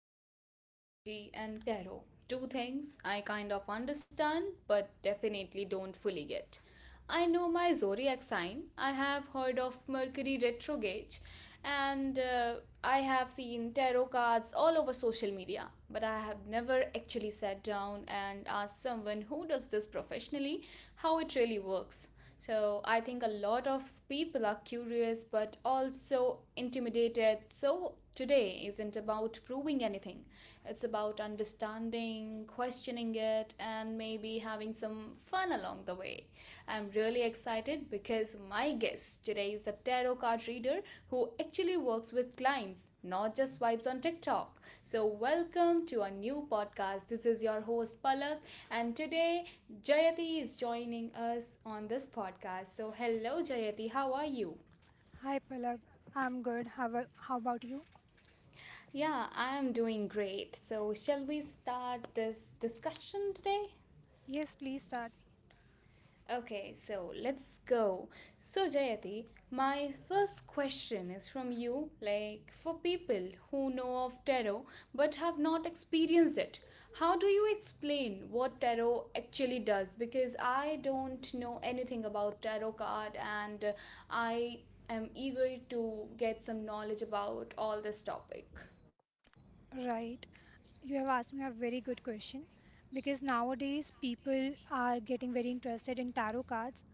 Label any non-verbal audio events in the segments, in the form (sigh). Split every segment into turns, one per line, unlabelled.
talking astrology and tarot. Two things I kind of understand but definitely don't fully get. I know my zodiac sign, I have heard of Mercury retrograde, and I have seen tarot cards all over social media, but I have never actually sat down and asked someone who does this professionally how it really works. So I think a lot of people are curious but also intimidated. So today isn't about proving anything, it's about understanding, questioning it, and maybe having some fun along the way. I'm really excited because my guest today is a tarot card reader who actually works with clients, not just vibes on TikTok. So, welcome to a new podcast. This is your host Palak, and today Jayati is joining us on this podcast. So, hello Jayati, how are you?
Hi Palak, I'm good. How about you?
Yeah, I am doing great. So, shall we start this discussion today?
Yes, please start.
Okay, so let's go. So, Jayati, my first question is from you like, for people who know of tarot but have not experienced it, how do you explain what tarot actually does? Because I don't know anything about tarot card and I am eager to get some knowledge about all this topic.
Right. You have asked me a very good question because nowadays people are getting very interested in tarot cards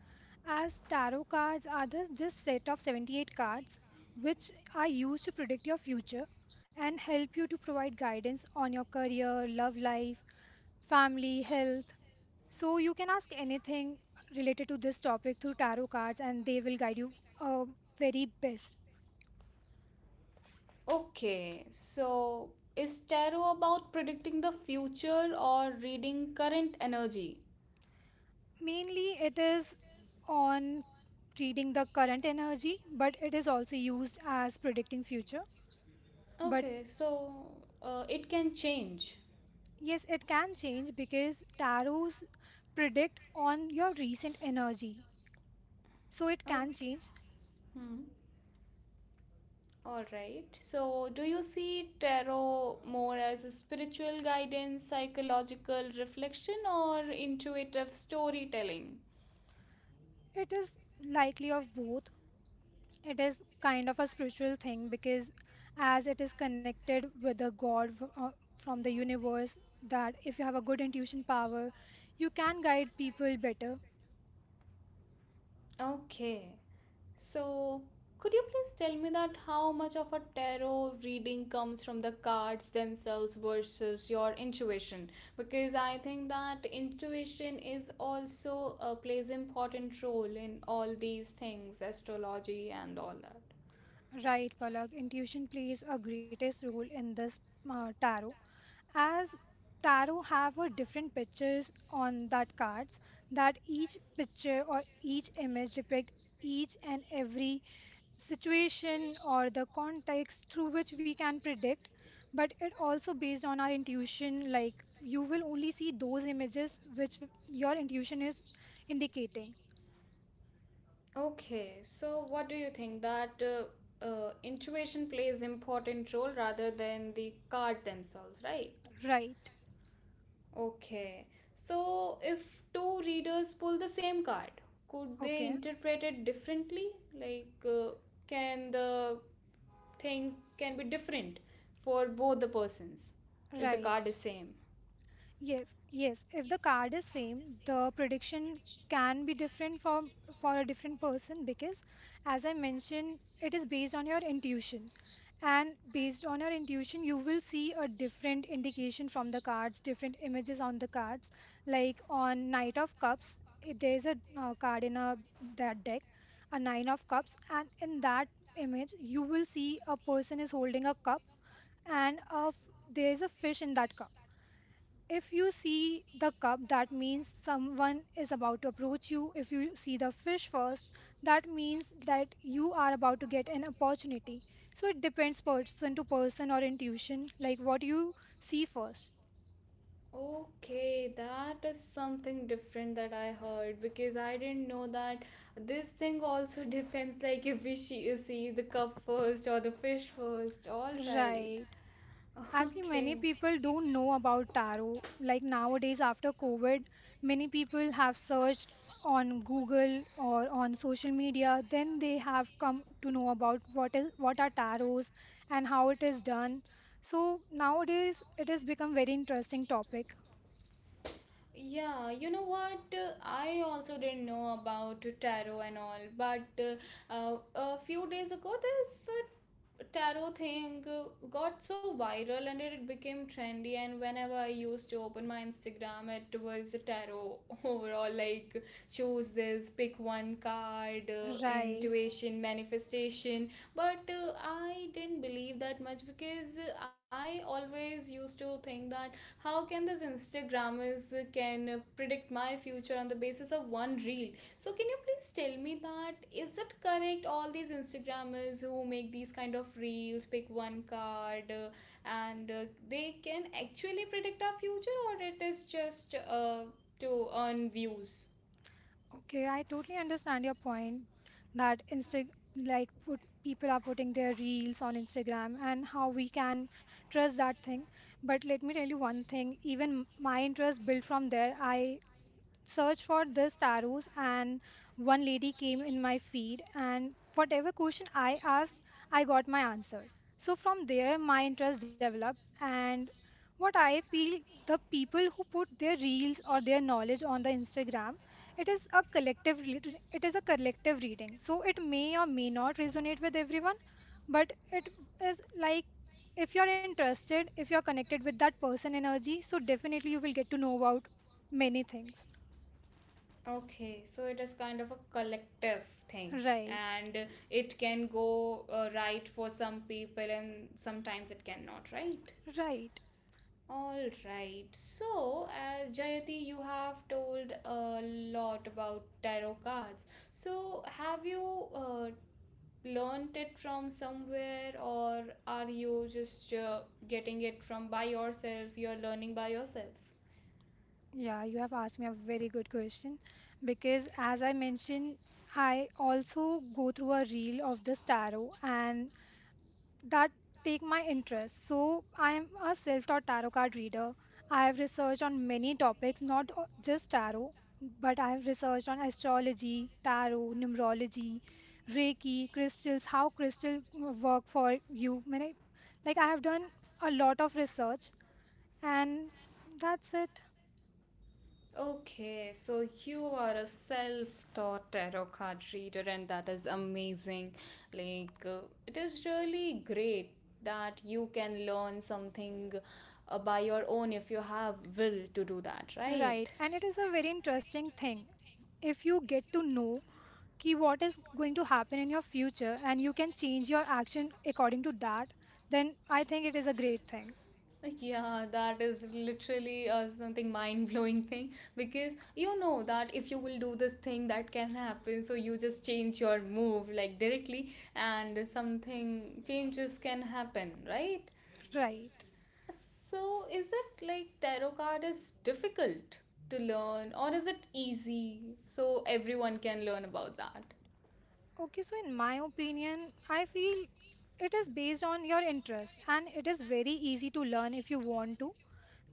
as tarot cards are the, just set of 78 cards which are used to predict your future and help you to provide guidance on your career, love life, family, health. So you can ask anything related to this topic through tarot cards and they will guide you uh, very best.
Okay, so is tarot about predicting the future or reading current energy?
Mainly, it is on reading the current energy, but it is also used as predicting future. But
Okay, so it can change.
yes, it can change because tarots predict on your recent energy. So it can
Okay.
change.
Hmm. All right. So, do you see tarot more as a spiritual guidance, psychological reflection, or intuitive storytelling?
It is likely of both. It is kind of a spiritual thing because as it is connected with the from the universe, that if you have a good intuition power, you can guide people better.
Okay. So, could you please tell me that how much of a tarot reading comes from the cards themselves versus your intuition? Because I think that intuition is also plays important role in all these things, astrology and all that.
Right, Palak. Intuition plays a greatest role in this tarot, as tarot have a different pictures on that cards. That each picture or each image depict each and every situation or the context through which we can predict. But it also based on our intuition. Like you will only see those images which your intuition is indicating.
Okay. So, what do you think that intuition plays important role rather than the card themselves, right?
Right.
Okay. So if two readers pull the same card, could they
Okay.
interpret it differently? Like, can the things can be different for both the persons if the
Right.
card is same?
Yes, yes. If the card is same, the prediction can be different for a different person because, as I mentioned, it is based on your intuition, and based on your intuition, you will see a different indication from the cards, different images on the cards. Like on Knight of Cups, there is a card in a that deck, a Nine of Cups, and in that image, you will see a person is holding a cup and there is a fish in that cup. If you see the cup, that means someone is about to approach you. If you see the fish first, that means that you are about to get an opportunity. So it depends person to person or intuition, like what you see first.
Okay, that is something different that I heard because I didn't know that this thing also (laughs) depends like if we see the cup first or the fish first. All right.
Right. Actually, many
Okay.
people don't know about tarot. Like nowadays, after COVID, many people have searched on Google or on social media. Then they have come to know about what are tarots and how it is done. So nowadays, it has become very interesting topic.
Yeah, you know what? I also didn't know about tarot and all, but a few days ago, this tarot thing got so viral and it became trendy. And whenever I used to open my Instagram, it was tarot (laughs) overall like choose this, pick one card,
Right.
intuition, manifestation. But I didn't believe that much because I always used to think that how can this instagrammers can predict my future on the basis of one reel, so can you please tell me that is it correct all these instagrammers who make these kind of reels pick one card and they can actually predict our future or it is just to earn views.
Okay, I totally understand your point that Insta like put people are putting their reels on Instagram and how we can trust that thing. But let me tell you one thing, even my interest built from there. I search for this tarots and one lady came in my feed, and whatever question I asked, I got my answer. So from there my interest developed, and what I feel, the people who put their reels or their knowledge on the Instagram, it is a collective reading, so it may or may not resonate with everyone, but it is like if you're interested, if you're connected with that person energy, so definitely you will get to know about many things.
Okay, so it is kind of a collective thing
Right,
and it can go right for some people and sometimes it cannot, right.
right.
All right. So, as Jayati, you have told a lot about tarot cards. So, have you learned it from somewhere, or are you just getting it from by yourself? You're learning by yourself.
Yeah, you have asked me a very good question because, as I mentioned, I also go through a reel of this tarot and that take my interest. So I am a self-taught tarot card reader. I have researched on many topics, not o- just tarot, but I have researched on astrology, tarot, numerology, Reiki, crystals, how crystal work for you. Many- like I have done a lot of research and that's it.
Okay, so you are a self-taught tarot card reader, and that is amazing. Like, it is really great that you can learn something by your own if you have will to do that, right?
Right, and it is a very interesting thing. If you get to know ki what is going to happen in your future and you can change your action according to that, then I think it is a great thing.
Like, yeah, that is literally something mind blowing thing because you know that if you will do this thing, that can happen. So you just change your move like directly, and something changes can happen, right?
Right.
So is it like tarot card is difficult to learn, or is it easy so everyone can learn about that?
Okay, so in my opinion, I feel it is based on your interest and it is very easy to learn if you want to,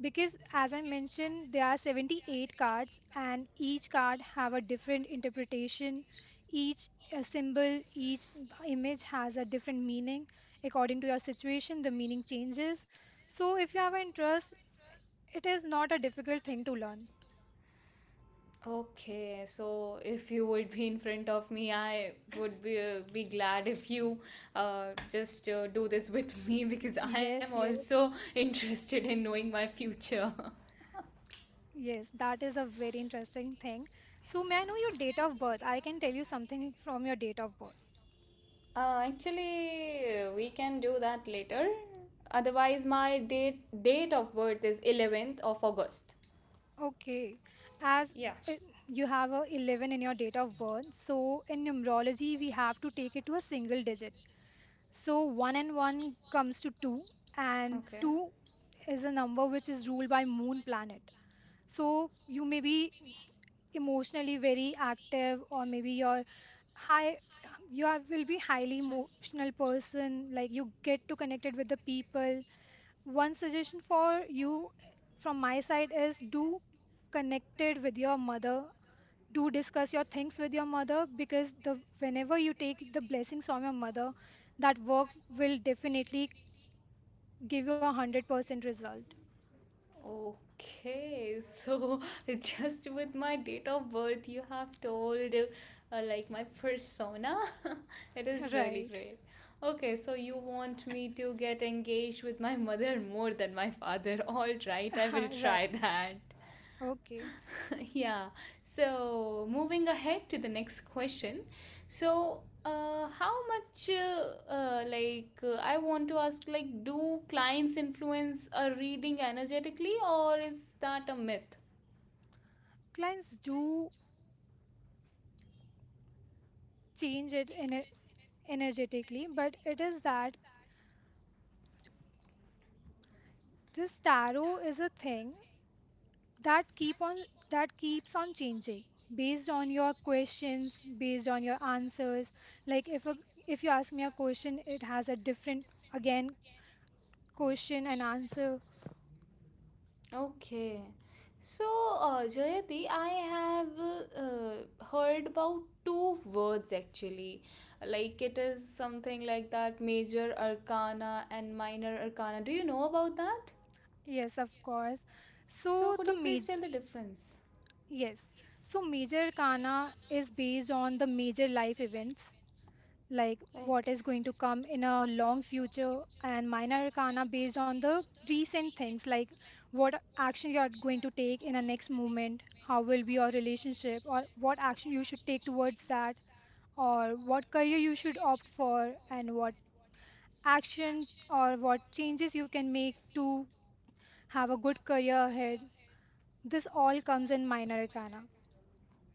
because as I mentioned there are 78 cards and each card have a different interpretation. Each symbol, each image has a different meaning. According to your situation the meaning changes. So if you have interest, it is not a difficult thing to learn.
Okay, so if you would be in front of me, I would be glad if you uh, just do this with me (laughs) because I am
Yes,
also interested in knowing my future. (laughs)
yes, that is a very interesting thing. So may I know your date of birth? I can tell you something from your date of birth.
Actually, we can do that later. Otherwise, my date of birth is 11th of August.
Okay, as
Yeah.
uh, you have a 11 in your date of birth, so in numerology we have to take it to a single digit. So 1 and 1 comes to 2, and
Okay.
2 is a number which is ruled by moon planet. So you may be emotionally very active, or maybe you're high you are will be highly emotional person, like you get to connected with the people. One suggestion for you from my side is do connected with your mother. Do discuss your things with your mother, because the whenever you take the blessings from your mother, that work will definitely give you 100% result.
Okay, so (laughs) just with my date of birth, you have told like my persona. (laughs) It is really
Right.
great. Okay, so you want me to get engaged with my mother more than my father. (laughs) All right, I
(laughs)
will
Right.
try that.
Okay.
(laughs) Yeah. So moving ahead to the next question. So, I want to ask, like, do clients influence a reading energetically, or is that a myth?
Clients do change it ener energetically, but it is that this tarot is a thing that keep on that keeps on changing based on your questions, based on your answers. Like if you ask me a question, it has a different, again, question and answer.
Okay. So, Jayati, I have heard about two words actually. Like, it is something like that major arcana and minor arcana. Do you know about that?
Yes, of course.
So,
so
could
the
you please
ma-
tell the difference?
yes, so major kana is based on the major life events, like what
Okay.
is going to come in a long future, and minor arcana based on the recent things, like what action you are going to take in a next moment, how will be your relationship, or what action you should take towards that, or what career you should opt for, and what action or what changes you can make to have a good career ahead. This all comes in minor arcana.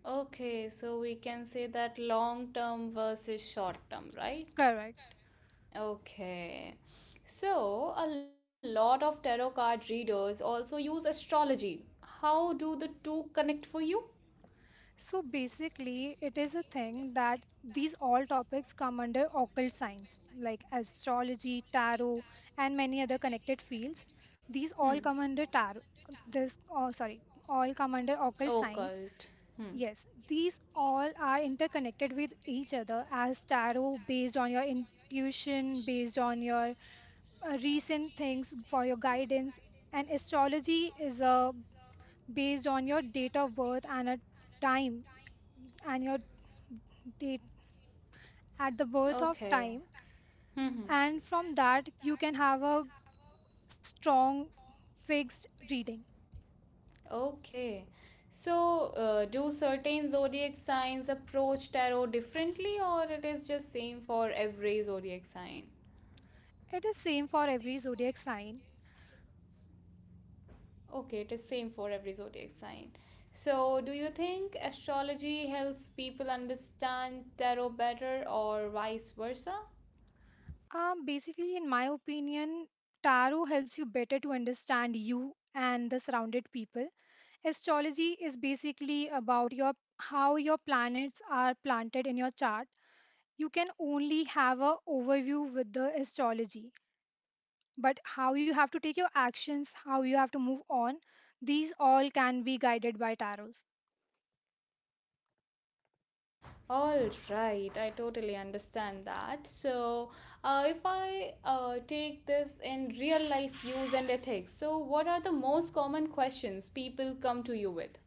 Okay, so we can say that long term versus short term, right?
Correct.
Okay. So, a lot of tarot card readers also use astrology. How do the two connect for you?
So basically, it is a thing that these all topics come under occult science, like astrology, tarot, and many other connected fields. These
Hmm.
all come under tarot. This, oh, sorry, all come under occult
Occult
science.
science. Hmm. And
Yes, these all are interconnected with each other, as tarot based on your intuition, based on your recent things for your guidance, and astrology is based on your date of birth and a time and your date at the
the
birth of
okay.
time,
Hmm. Hmm.
and from that you can have a strong fixed reading.
Okay. So, do certain zodiac signs approach tarot differently or it is just same for every zodiac sign?
It is same for every zodiac sign.
Okay, it is same for every zodiac sign. So, do you think astrology helps people understand tarot better or vice versa?
Basically, in my opinion, tarot helps you better to understand you and the surrounded people. Astrology is basically about your how your planets are planted in your chart. You can only have a overview with the astrology, but how you have to take your actions, how you have to move on, these all can be guided by tarots.
All right, I totally understand that. So, if I take this in real life use and ethics, so what are the most common questions people come to you with?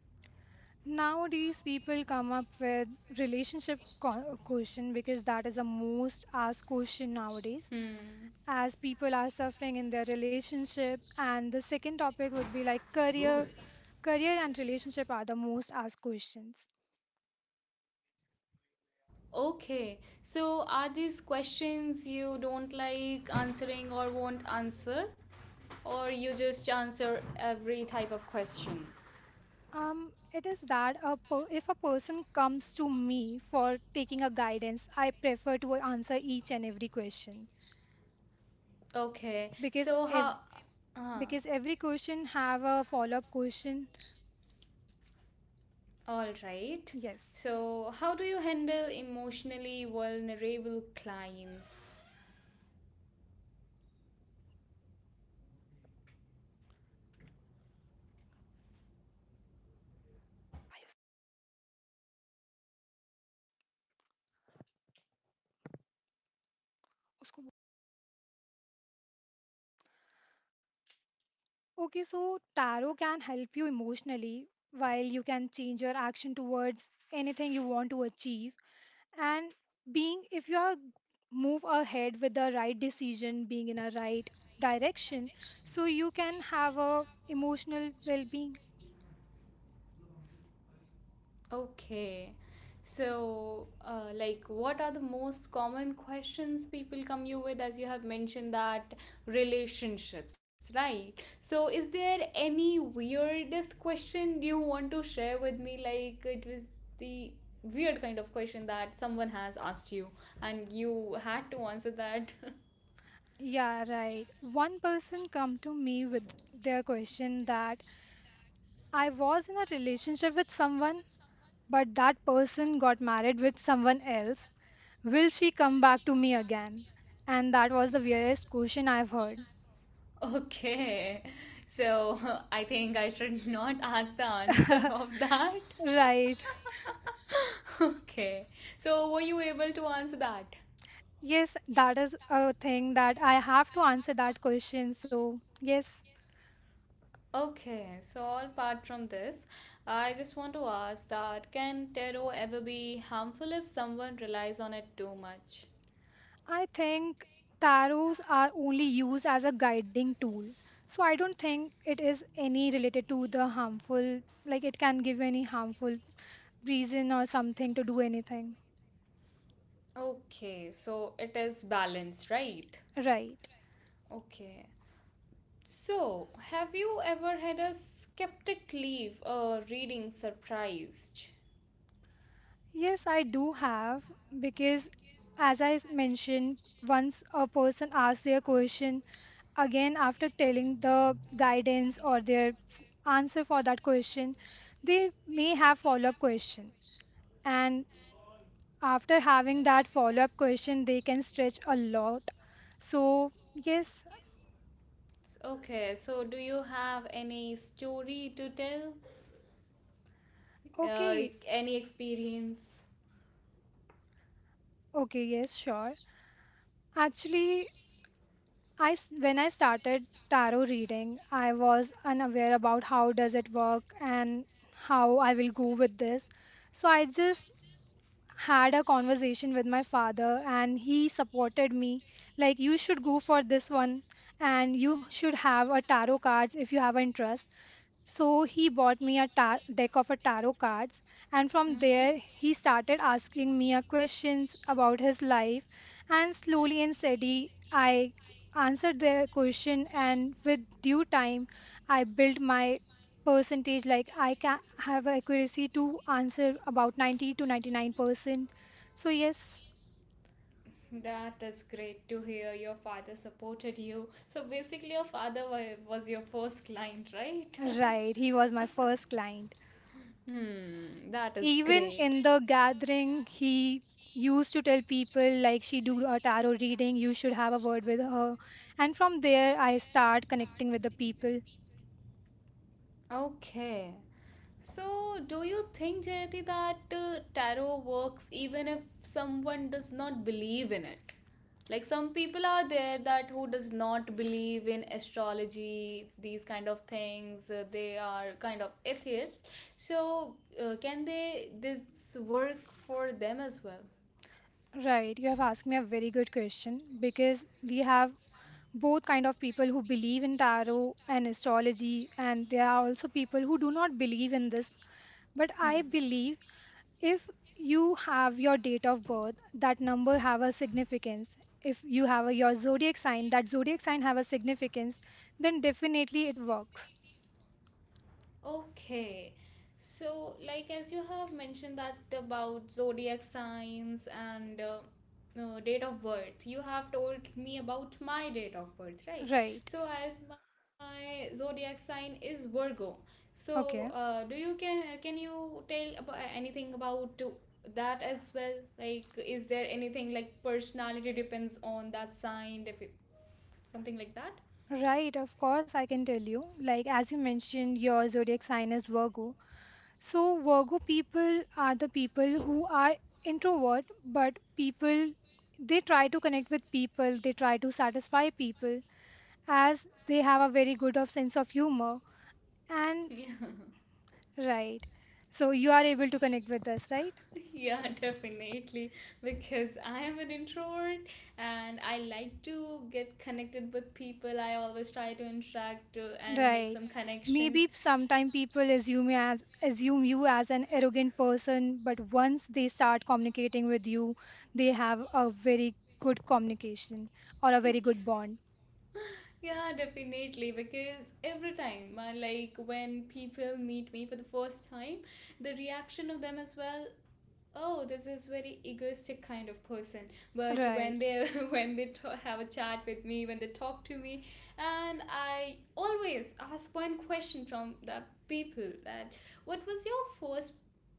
Nowadays, people come up with question, because that is the most asked question nowadays,
Hmm.
as people are suffering in their relationship. And the second topic would be like career. Career and relationship are the most asked questions.
Okay. So are these questions you don't like answering or won't answer? Or you just answer every type of question?
It is that if a person comes to me for taking a guidance, I prefer to answer each and every question,
Okay.
because
So
ev-
how. If
because every question have a follow up question.
all right.
Yes.
So how do you handle emotionally vulnerable clients?
उसको okay, so tarot can help you emotionally, while you can change your action towards anything you want to achieve, and being if you are move ahead with the right decision, being in a right direction, so you can have a emotional well-being.
Okay. So, what are the most common questions people come you with, as you have mentioned that relationships, right? So, is there any weirdest question you want to share with me? Like, it was the weird kind of question that someone has asked you, and you had to answer that. (laughs)
Yeah, right. One person come to me with their question that I was in a relationship with someone, but that person got married with someone else. Will she come back to me again? And that was the weirdest question I've heard.
Okay. So, (laughs) I think I should not (laughs) ask the answer of that.
(laughs) Right.
Okay, so were you able to answer that?
Yes, that is a thing that I have to answer that question. So, yes,
Okay, so all apart from this, I just want to ask that can tarot ever be harmful if someone relies on it too much?
I think tarots are only used as a guiding tool. So, I don't think it is any related to the harmful, like it can give any harmful reason or something to do anything.
Okay, so it is balanced, right?
Right.
Okay. So, have you ever had a skeptic leave a reading surprised?
Yes, I do have because, mentioned, once a person asks their question again, after telling the guidance or answer for that question, they may have follow up question, and after having that follow up question, they can stretch a lot. So yes,
Okay, so do you have any story to tell? Uh,
okay,
any experience?
okay, yes, sure. Actually, when I started tarot reading, I was unaware about how does it work and how I will go with this. So I just had a conversation with my father and he supported me, like you should go for this one and you should have a tarot cards if you have an interest. So he bought me a deck of a tarot cards, and from
And
there he started asking me a questions about his life. And slowly and steady, I answered their question, and with due time, I built my percentage. Like I can have accuracy to answer about 90 to 99%. So yes,
life. That is great to hear. Your father supported you. So basically, your father was your first client, right?
right, he
(laughs)
was my first client.
Right, he was my first client. Hmm, that is
Even
great.
in the gathering, he used to tell people like she do a tarot reading, you should have a word with her. And from there I start connecting with the people.
Okay. So, do you think, Jayati, that tarot works even if someone does not believe in it? Like some people are there that who does not believe in astrology, these kind of things. They are kind of atheists. So, can they this work for them as well?
Right, you have asked me a very good question because we have both kind of people who believe in tarot and astrology, and there are also people who do not believe in this, but I
Hmm.
believe if you have your date of birth, that number have a significance. If you have your zodiac sign, that zodiac sign have a significance, then definitely it works.
Okay. So, like as you have mentioned that about zodiac signs and no, date of birth, you have told me about my date of birth, right?
Right.
So, as my zodiac sign is Virgo, so
Okay.
do you can you tell about anything about that as well? Like, is there anything like personality depends on that sign, if it, something like that? (laughs)
Right, of course I can tell you. Like as you mentioned, your zodiac sign is Virgo, so Virgo people are the people who are introvert but people, they try to connect with people, they try to satisfy people, as they have a very good of sense of humor. And
Yeah.
right. So you are able to connect with us, right?
Yeah, (laughs) definitely. Because I am an introvert and I like to get connected with people. I always try to interact and make
Right.
some connections.
Maybe sometime people assume you as an arrogant person, but once they start communicating with you, they have a very good communication or a very good bond.
Yeah, definitely. Because every time, like when people meet me for the first time, the reaction of them as well, oh this is very egoistic kind of person, but when
Right.
they (laughs) when have a chat with me, when they talk to me, and I always ask one question from the people that what was your first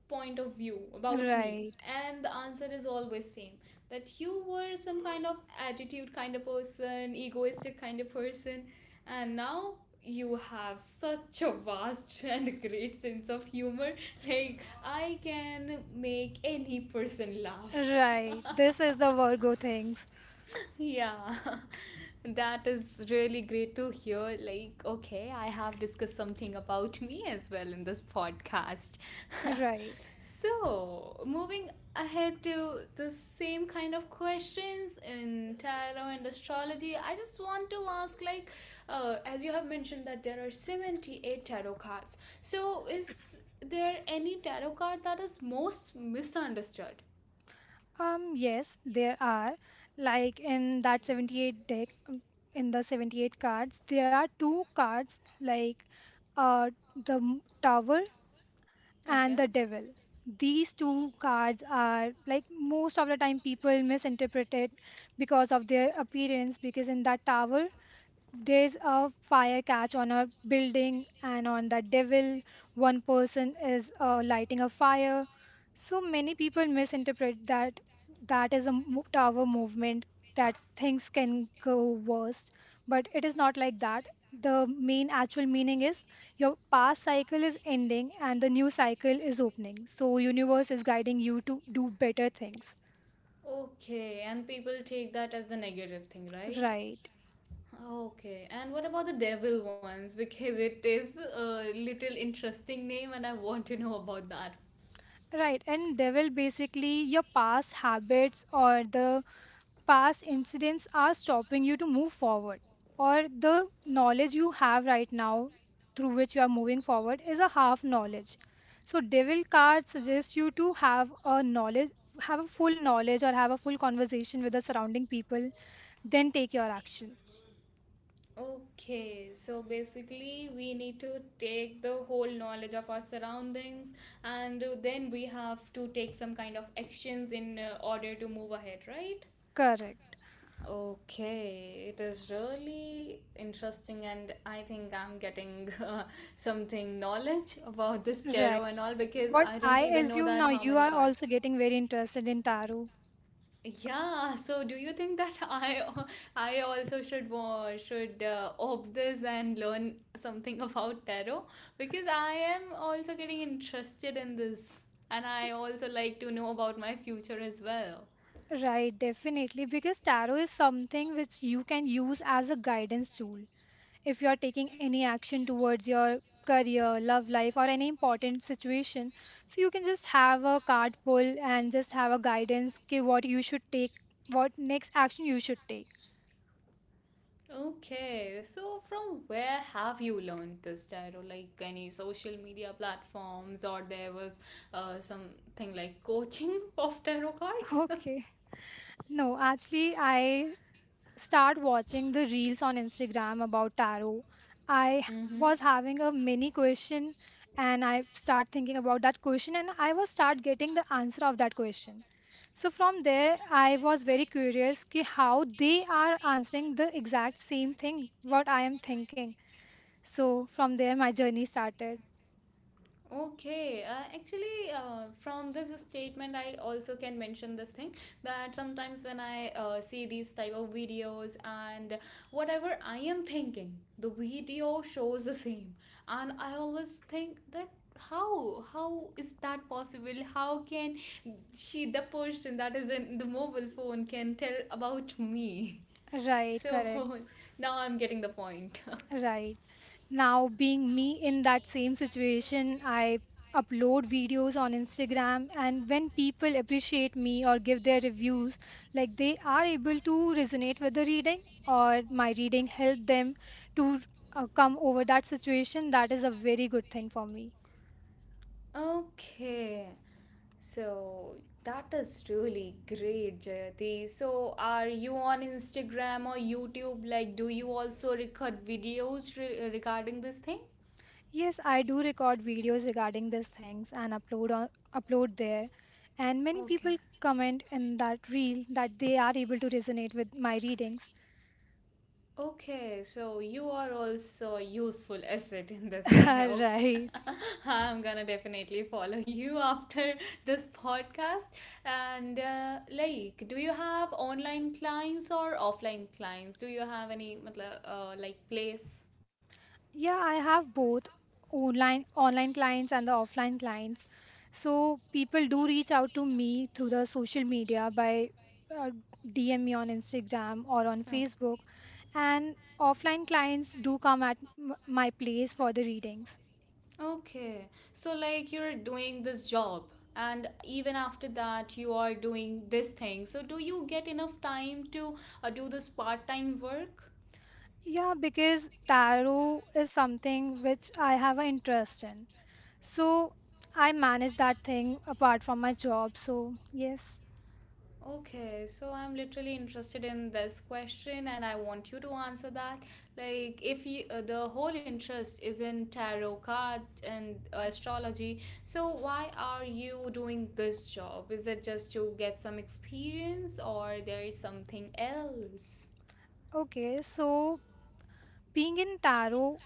point of view about me
Right.
and the answer is always same, that you were some kind of attitude kind of person, egoistic kind of person, and now you have such a vast (laughs) and great sense of humor. Like, I can make any person laugh.
Right. This is the Virgo things.
Yeah, (laughs) that is really great to hear. Like, okay, I have discussed something about me as well in this podcast. (laughs)
Right.
So, moving ahead to the same kind of questions in tarot and astrology, I just want to ask like, as you have mentioned that there are 78 tarot cards. So, is there any tarot card that is most misunderstood?
Yes, there are. Like in that 78 deck, in the 78 cards, there are two cards like uh, Tower and
Okay.
the Devil. These two cards are like most of the time people misinterpret it because of their appearance. Because in that tower, there's a fire catch on a building, and on the devil one person is lighting a fire, so many people misinterpret that, that is a tower movement, that things can go worse, but it is not like that. The main actual meaning is your past cycle is ending and the new cycle is opening, so universe is guiding you to do better things.
Okay, and people take that as a negative thing, right?
Right.
Okay, and what about the devil ones? (laughs) Because it is a little interesting name, and I want to know about that.
Right, and devil basically your past habits or the past incidents are stopping you to move forward, or the knowledge you have right now through which you are moving forward is a half knowledge. So devil card suggests you to have a knowledge, have a full knowledge or have a full conversation with the surrounding people, then take your action.
Okay, so basically, we need to take the whole knowledge of our surroundings and then we have to take some kind of actions in order to move ahead, right?
Correct.
Okay, it is really interesting, and I think I'm getting (laughs) something knowledge about this
Right,
tarot and all because
what
I didn't
I
even know
assume
that
now,
how
you
many
are also
cards.
getting very interested in tarot.
Yeah, so do you think that (laughs) I also should opt this and learn something about tarot because I am also getting interested in this and I also like to know about my future as well.
Right, definitely, because tarot is something which you can use as a guidance tool. If you are taking any action towards your career, love life, or any important situation, so you can just have a card pull and just have a guidance ki what you should take, what next action you should take.
Okay, so from where have you learned this, Tyro? Like any social media platforms, or there was something like coaching (laughs) of tarot
(laughs)
cards?
Okay. No, actually, I start watching the reels on Instagram about tarot. I h-
(laughs) Mm-hmm.
was having a mini question, and I start thinking about that question, and I was start getting the answer of that question. So from there, I was very curious ki how they are answering the exact same thing what I am thinking. So from there, my journey started.
Okay, actually, from this statement, I also can mention this thing that sometimes when I see these type of videos and whatever I am thinking, the video shows the same, and I always think that how is that possible? How can she, the person that is in the mobile phone, can tell about me? (laughs)
Right,
So
correct,
(laughs) now I'm getting the point. (laughs)
right. Now, being me in that same situation, I upload videos on Instagram, and when people appreciate me or give their reviews, like they are able to resonate with the reading, or my reading helped them to come over that situation, that is a very good thing for me.
Okay. So that is really great, Jayati. So are you on Instagram or YouTube? Like, do you also record videos regarding this thing?
Yes, I do record videos regarding these things and upload there. And many people
Okay.
comment in that reel that they are able to resonate with my readings.
Okay, so you are also a useful (laughs) asset in this thing. (laughs) Okay.
(laughs) right.
(laughs) I'm gonna definitely follow (laughs) you after this podcast. And like, do you have online clients or offline clients? Do you have any matlab, like place?
Yeah, I have both online clients and the offline clients. So people do reach out to me through the social media by uh, DM me on Instagram or on
Oh.
Facebook, and offline clients do come at my place for the readings.
Okay. So, like, you're doing this job, and even after that, you are doing this thing. So, do you get enough time to do this part time work?
Yeah, because tarot is something which I have an interest in. So I manage that thing apart from my job. So, yes.
Okay, so I'm literally interested in this question, and I want you to answer that. Like, if you, the whole interest is in tarot card and astrology, so why are you doing this job? Is it just to get some experience, or there is something else?
Okay, so being in tarot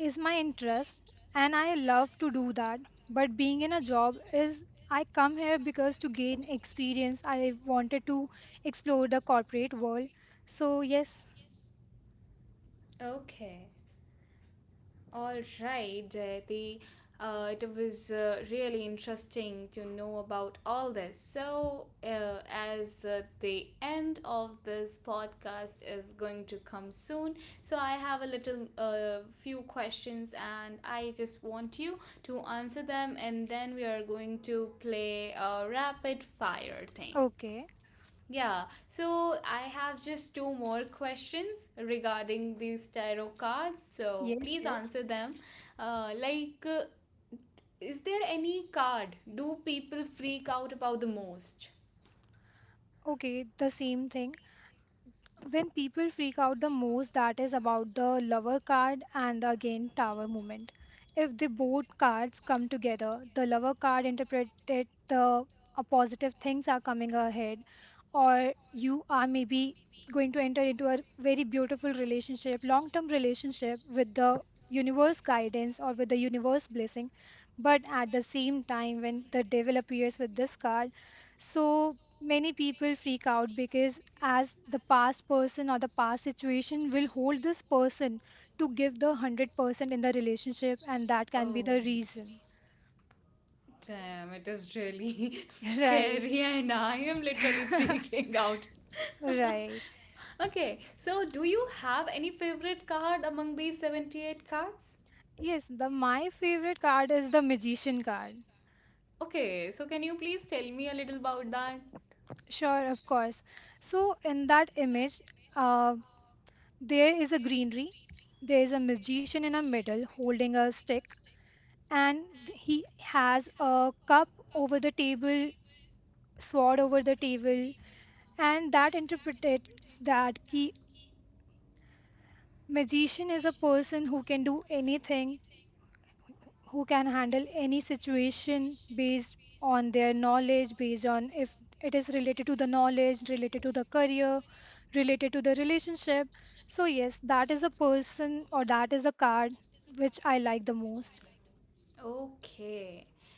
is my interest and I love to do that. But being in a job is I come here because to gain experience, I wanted to explore the corporate world. So, yes,
Okay. All right, Jayati. It was really interesting to know about all this. So, as the end of this podcast is going to come soon, so I have a little few questions and I just want you to answer them, and then we are going to play a rapid fire thing.
okay,
Yeah, so I have just two more questions regarding these tarot cards. So
yes,
please
yes,
answer them. Uh, like, uh, is there any card do people freak out about the most?
okay, the same thing. When people freak out the most, that is about the lover card and the again tower movement. If the both cards come together, the lover card interpreted the positive things are coming ahead, or you are maybe going to enter into a very beautiful relationship, long term relationship with the universe guidance or with the universe blessing. But at the same time, when the devil appears with this card, so many people freak out because, as the past person or the past situation will hold this person to give the 100% in the relationship, and that can be
Oh,
the reason.
damn, it is really (laughs)
(laughs) Right,
scary, and I am literally freaking out.
right.
(laughs) Okay, so do you have any favorite card among these 78 cards?
Yes, the my favorite card is the magician card.
Okay, so can you please tell me a little about that?
Sure, of course. So in that image, uh, there is a greenery, there is a magician in a middle holding a stick, and he has a cup over the table, sword over the table, and that interprets that key magician is a person who can do anything, who can handle any situation based on their knowledge, based on if it is related to the knowledge, related to the career, related to the relationship. So yes, that is a person or that is a card which I like the most.
Okay.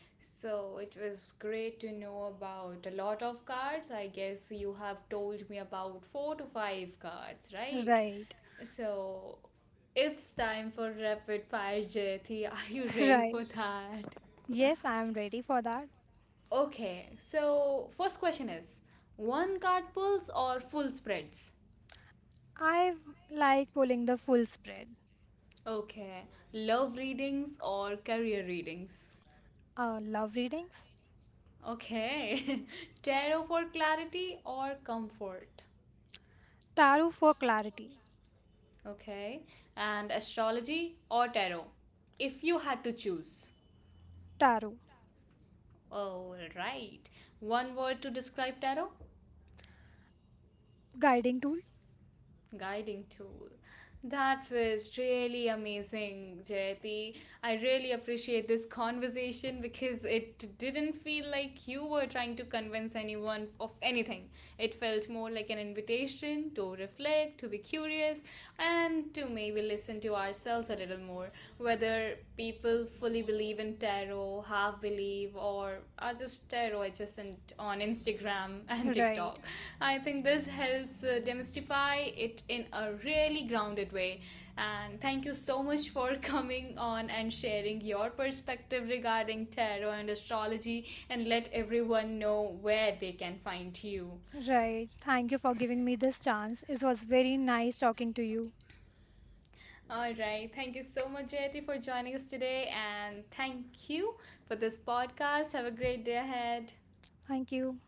So it was great to know about a lot of cards. I guess you have told me about 4 to 5 cards, right?
Right.
So it's time for rapid fire, Jyoti. (laughs) Are you
(laughs)
ready
right.
for that? (laughs)
Yes, I am ready for that.
Okay, so first question is one card pulls or full spreads?
Like pulling the full spread.
Okay, love readings or career readings?
Love readings.
Okay, (laughs) tarot for clarity or comfort?
Tarot for clarity.
Okay, and astrology or tarot? If you had to choose.
Tarot.
All right, one word to describe tarot?
Guiding tool.
Guiding tool. That was really amazing, Jayati. I really appreciate this conversation because it didn't feel like you were trying to convince anyone of anything. It felt more like an invitation to reflect, to be curious, and to maybe listen to ourselves a little more. Whether people fully believe in tarot, half believe, or are just tarot adjacent on Instagram (laughs) and
Right,
TikTok. I think this helps demystify it in a really grounded way. And thank you so much for (laughs) coming on and sharing your perspective regarding tarot and astrology, and let everyone know where they can find you.
right. Thank you for giving me this chance. It was very nice talking to you.
All right. Thank you so much, Jayati, for joining us today. And thank you for this podcast. Have a great day ahead.
Thank you.